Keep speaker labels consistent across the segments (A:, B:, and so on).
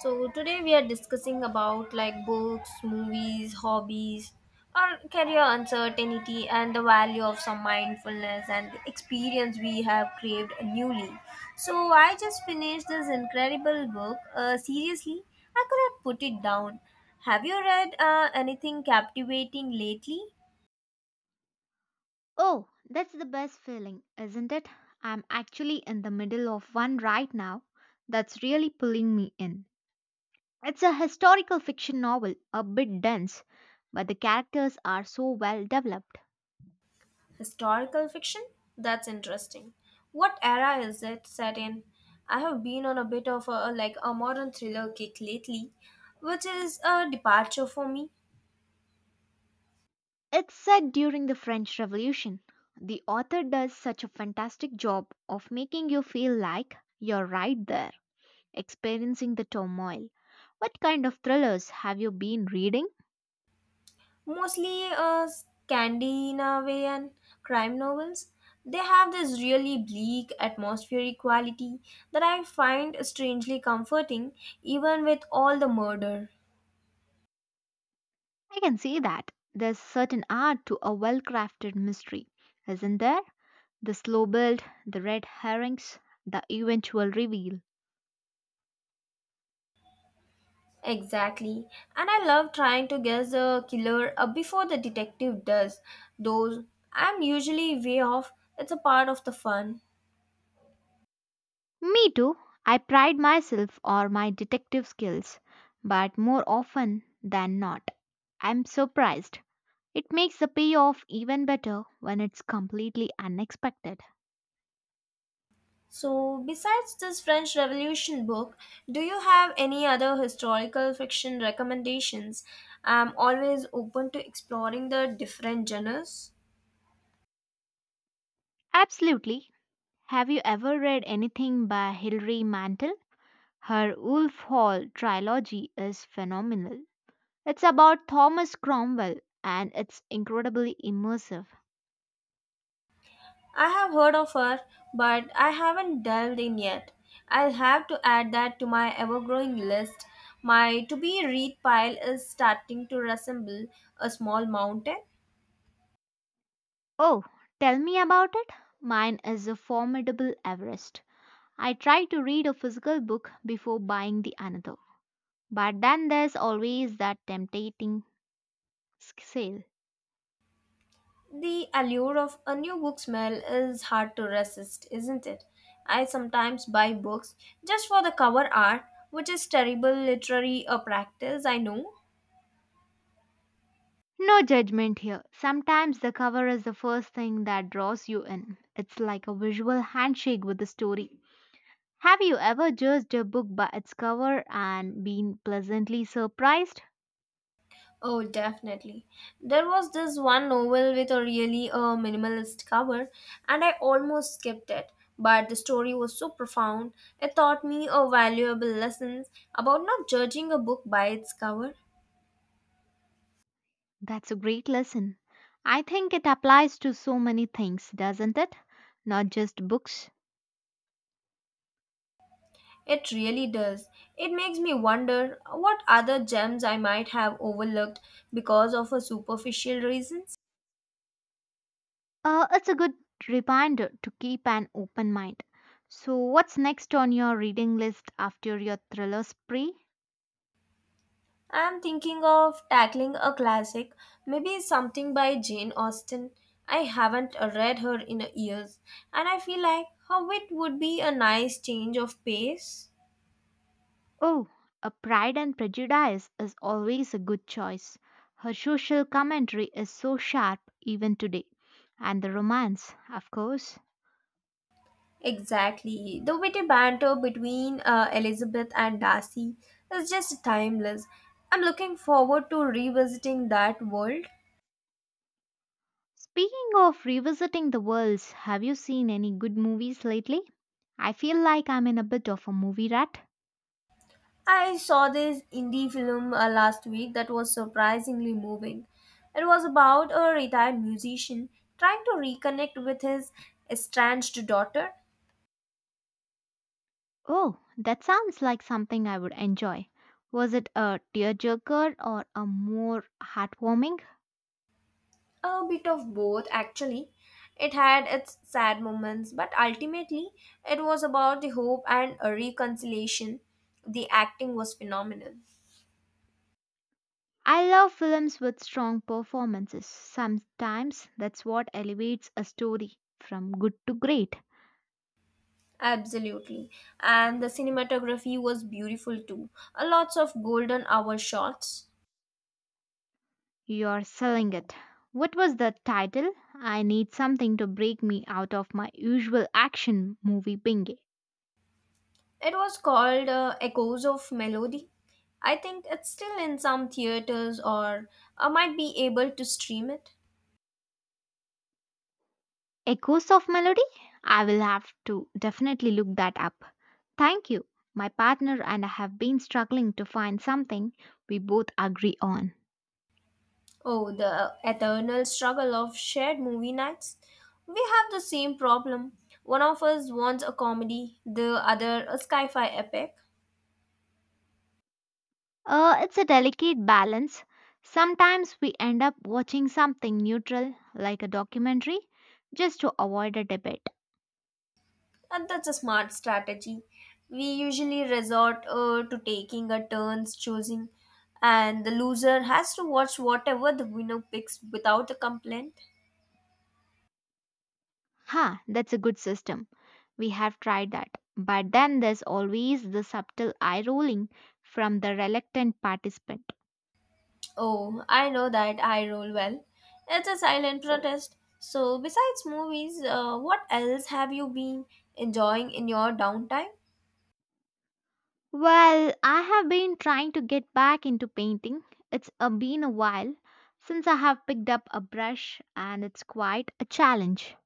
A: So today we are discussing about like books, movies, hobbies, or career uncertainty and the value of some mindfulness and experience we have craved newly. So I just finished this incredible book. Seriously, I could have put it down. Have you read anything captivating lately?
B: Oh, that's the best feeling, isn't it? I'm actually in the middle of one right now that's really pulling me in. It's a historical fiction novel, a bit dense, but the characters are so well developed.
A: Historical fiction? That's interesting. What era is it set in? I have been on a bit of a like a modern thriller kick lately, which is a departure for me.
B: It's set during the French Revolution. The author does such a fantastic job of making you feel like you're right there, experiencing the turmoil. What kind of thrillers have you been reading?
A: Mostly Scandinavian crime novels. They have this really bleak atmospheric quality that I find strangely comforting even with all the murder.
B: I can see that. There's certain art to a well crafted mystery, isn't there? The slow build, the red herrings, the eventual reveal.
A: Exactly. And I love trying to guess the killer before the detective does. Though I'm usually way off. It's a part of the fun.
B: Me too. I pride myself on my detective skills, but more often than not, I'm surprised. It makes the payoff even better when it's completely unexpected.
A: So, besides this French Revolution book, do you have any other historical fiction recommendations? I'm always open to exploring the different genres.
B: Absolutely. Have you ever read anything by Hilary Mantel? Her Wolf Hall trilogy is phenomenal. It's about Thomas Cromwell and it's incredibly immersive.
A: I have heard of her, but I haven't delved in yet. I'll have to add that to my ever growing list. My to be read pile is starting to resemble a small mountain.
B: Oh, tell me about it. Mine is a formidable Everest. I try to read a physical book before buying the another. But then there's always that tempting sale.
A: The allure of a new book smell is hard to resist, isn't it? I sometimes buy books just for the cover art, which is terrible literary a practice, I know.
B: No judgment here. Sometimes the cover is the first thing that draws you in. It's like a visual handshake with the story. Have you ever judged a book by its cover and been pleasantly surprised?
A: Oh, definitely. There was this one novel with a really minimalist cover, and I almost skipped it. But the story was so profound, it taught me a valuable lessons about not judging a book by its cover.
B: That's a great lesson. I think it applies to so many things, doesn't it? Not just books.
A: It really does. It makes me wonder what other gems I might have overlooked because of a superficial reasons.
B: It's a good reminder to keep an open mind. So, what's next on your reading list after your thriller spree?
A: I'm thinking of tackling a classic, maybe something by Jane Austen. I haven't read her in years, and I feel like how it would be a nice change of pace.
B: Oh, A Pride and Prejudice is always a good choice. Her social commentary is so sharp even today. And the romance, of course.
A: Exactly. The witty banter between Elizabeth and Darcy is just timeless. I'm looking forward to revisiting that world.
B: Speaking of revisiting the worlds, have you seen any good movies lately? I feel like I'm in a bit of a movie rat.
A: I saw this indie film last week that was surprisingly moving. It was about a retired musician trying to reconnect with his estranged daughter.
B: Oh, that sounds like something I would enjoy. Was it a tearjerker or a more heartwarming?
A: A bit of both, actually. It had its sad moments, but ultimately, it was about the hope and a reconciliation. The acting was phenomenal.
B: I love films with strong performances. Sometimes that's what elevates a story from good to great.
A: Absolutely. And the cinematography was beautiful too. Lots of golden hour shots.
B: You're selling it. What was the title? I need something to break me out of my usual action movie binge.
A: It was called Echoes of Melody. I think it's still in some theaters or I might be able to stream it.
B: Echoes of Melody? I will have to definitely look that up. Thank you. My partner and I have been struggling to find something we both agree on.
A: Oh, the eternal struggle of shared movie nights. We have the same problem. One of us wants a comedy, the other a sci fi epic,
B: It's a delicate balance. Sometimes we end up watching something neutral, like a documentary, just to avoid a debate.
A: and that's a smart strategy. We usually resort to taking a turns choosing, and the loser has to watch whatever the winner picks without a complaint.
B: Ha, that's a good system. We have tried that. But then there's always the subtle eye rolling from the reluctant participant.
A: Oh, I know that I roll well. It's a silent protest. So, besides movies, what else have you been enjoying in your downtime?
B: Well, I have been trying to get back into painting. It's been a while since I have picked up a brush, and it's quite a challenge.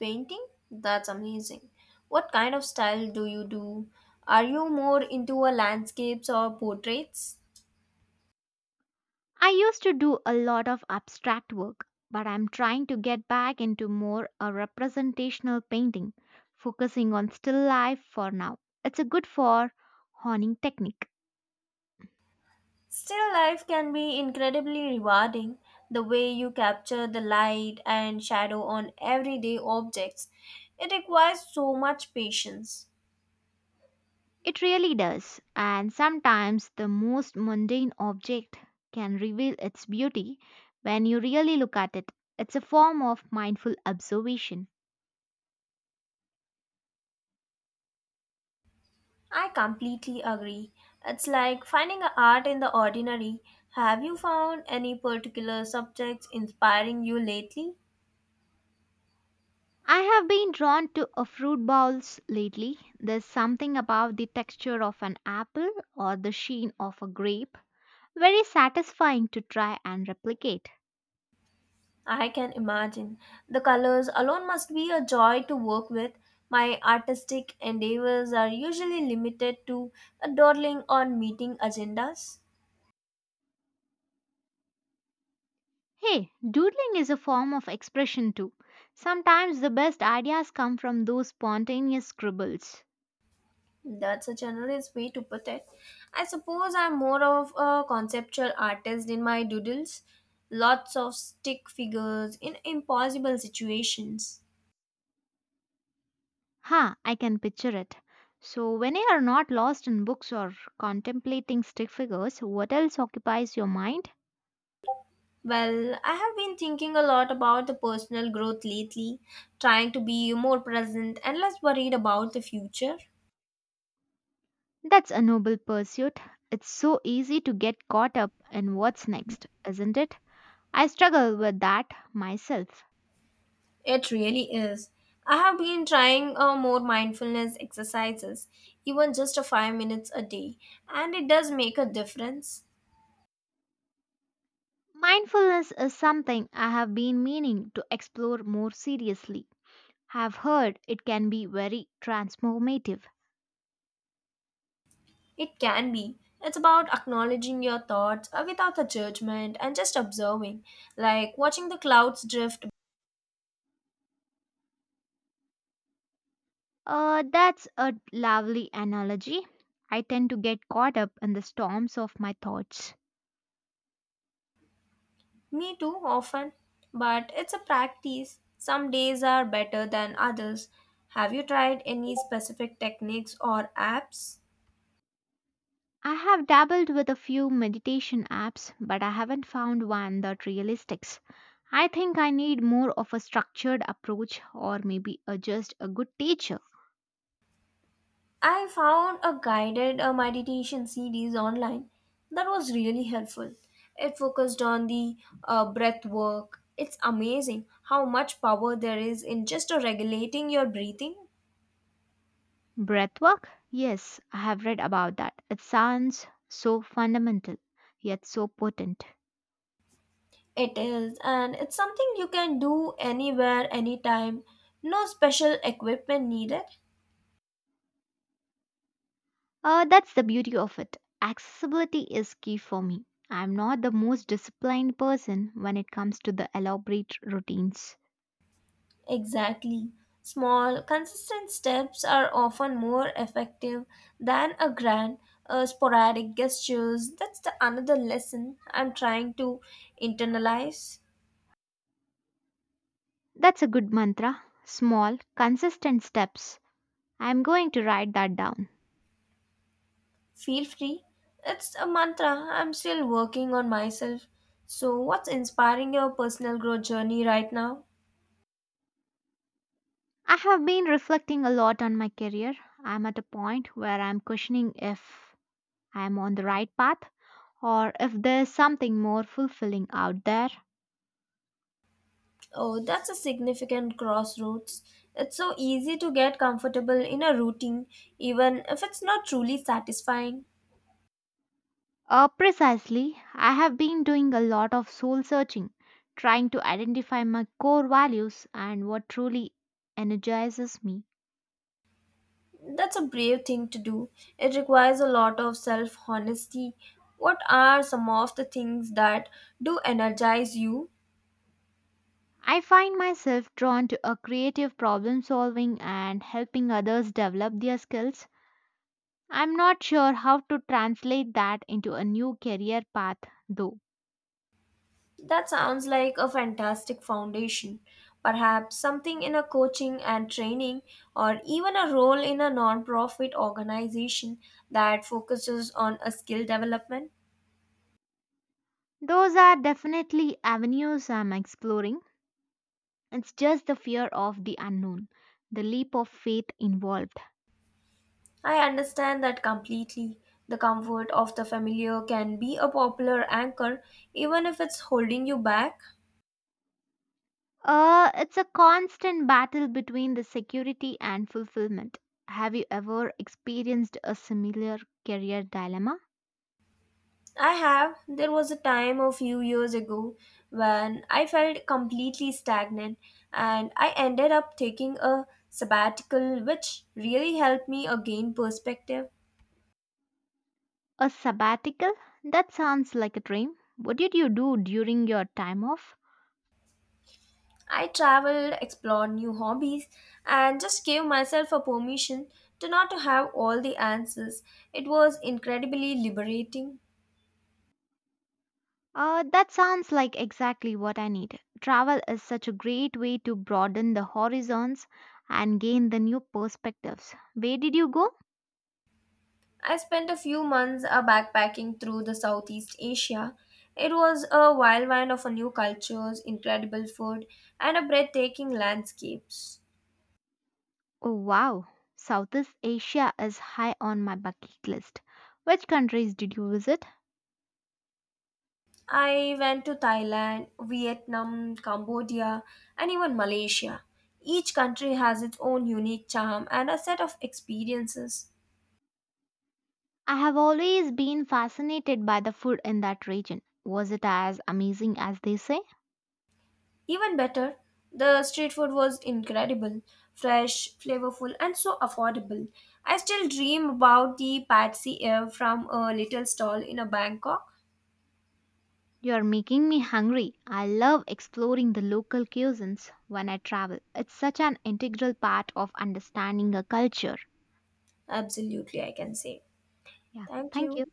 A: Painting? That's amazing. What kind of style do you do? Are you more into a landscapes or portraits?
B: I used to do a lot of abstract work, but I'm trying to get back into more a representational painting, focusing on still life for now. It's a good for honing technique.
A: Still life can be incredibly rewarding. The way you capture the light and shadow on everyday objects, it requires so much patience.
B: It really does, and sometimes the most mundane object can reveal its beauty when you really look at it. It's a form of mindful observation.
A: I completely agree. It's like finding a art in the ordinary. Have you found any particular subjects inspiring you lately?
B: I have been drawn to a fruit bowls lately. There's something about the texture of an apple or the sheen of a grape very satisfying to try and replicate.
A: I can imagine. The colors alone must be a joy to work with. My artistic endeavors are usually limited to a dawdling on meeting agendas.
B: Hey, doodling is a form of expression too. Sometimes the best ideas come from those spontaneous scribbles.
A: That's a generous way to put it. I suppose I'm more of a conceptual artist in my doodles. Lots of stick figures in impossible situations.
B: Ha, I can picture it. So, when you are not lost in books or contemplating stick figures, what else occupies your mind?
A: Well, I have been thinking a lot about the personal growth lately, trying to be more present and less worried about the future.
B: That's a noble pursuit. It's so easy to get caught up in what's next, isn't it? I struggle with that myself.
A: It really is. I have been trying more mindfulness exercises, even just a 5 minutes a day, and it does make a difference.
B: Mindfulness is something I have been meaning to explore more seriously. Have heard it can be very transformative.
A: It can be. It's about acknowledging your thoughts without a judgment and just observing, like watching the clouds drift.
B: That's a lovely analogy. I tend to get caught up in the storms of my thoughts.
A: Me too, often. But it's a practice. Some days are better than others. Have you tried any specific techniques or apps?
B: I have dabbled with a few meditation apps, but I haven't found one that really sticks. I think I need more of a structured approach or maybe a, just a good teacher.
A: I found a guided meditation series online that was really helpful. It focused on the breath work. It's amazing how much power there is in just regulating your breathing.
B: Breathwork? Yes, I have read about that. It sounds so fundamental, yet so potent.
A: It is, and it's something you can do anywhere, anytime. No special equipment needed.
B: That's the beauty of it. Accessibility is key for me. I'm not the most disciplined person when it comes to the elaborate routines.
A: Exactly. Small, consistent steps are often more effective than a grand, sporadic gestures. That's the another lesson I'm trying to internalize.
B: That's a good mantra. Small, consistent steps. I'm going to write that down.
A: Feel free. It's a mantra. I'm still working on myself. So, what's inspiring your personal growth journey right now?
B: I have been reflecting a lot on my career. I'm at a point where I'm questioning if I'm on the right path or if there's something more fulfilling out there.
A: Oh, that's a significant crossroads. It's so easy to get comfortable in a routine, even if it's not truly satisfying.
B: Precisely, I have been doing a lot of soul searching, trying to identify my core values and what truly energizes me.
A: That's a brave thing to do. It requires a lot of self honesty. What are some of the things that do energize you?
B: I find myself drawn to a creative problem solving and helping others develop their skills. I'm not sure how to translate that into a new career path though.
A: That sounds like a fantastic foundation. Perhaps something in a coaching and training, or even a role in a non profit organization that focuses on a skill development.
B: Those are definitely avenues I'm exploring. It's just the fear of the unknown, the leap of faith involved.
A: I understand that completely. The comfort of the familiar can be a popular anchor even if it's holding you back.
B: It's a constant battle between the security and fulfillment. Have you ever experienced a similar career dilemma?
A: I have. There was a time a few years ago when I felt completely stagnant and I ended up taking a sabbatical which really helped me gain perspective.
B: A sabbatical? That sounds like a dream. What did you do during your time off?
A: I traveled, explored new hobbies and just gave myself a permission to not to have all the answers. It was incredibly liberating.
B: That sounds like exactly what I need. Travel is such a great way to broaden the horizons and gain the new perspectives. Where did you go?
A: I spent a few months backpacking through the Southeast Asia. It was a whirlwind of a new cultures, incredible food, and a breathtaking landscapes.
B: Oh, wow. Southeast Asia is high on my bucket list. Which countries did you visit?
A: I went to Thailand, Vietnam, Cambodia, and even Malaysia. Each country has its own unique charm and a set of experiences.
B: I have always been fascinated by the food in that region. Was it as amazing as they say?
A: Even better, the street food was incredible, fresh, flavorful, and so affordable. I still dream about the patsy air from a little stall in a Bangkok.
B: You're making me hungry. I love exploring the local cuisines when I travel. It's such an integral part of understanding a culture.
A: Absolutely, I can say.
B: Yeah.
A: Thank
B: Thank
A: you.
B: you.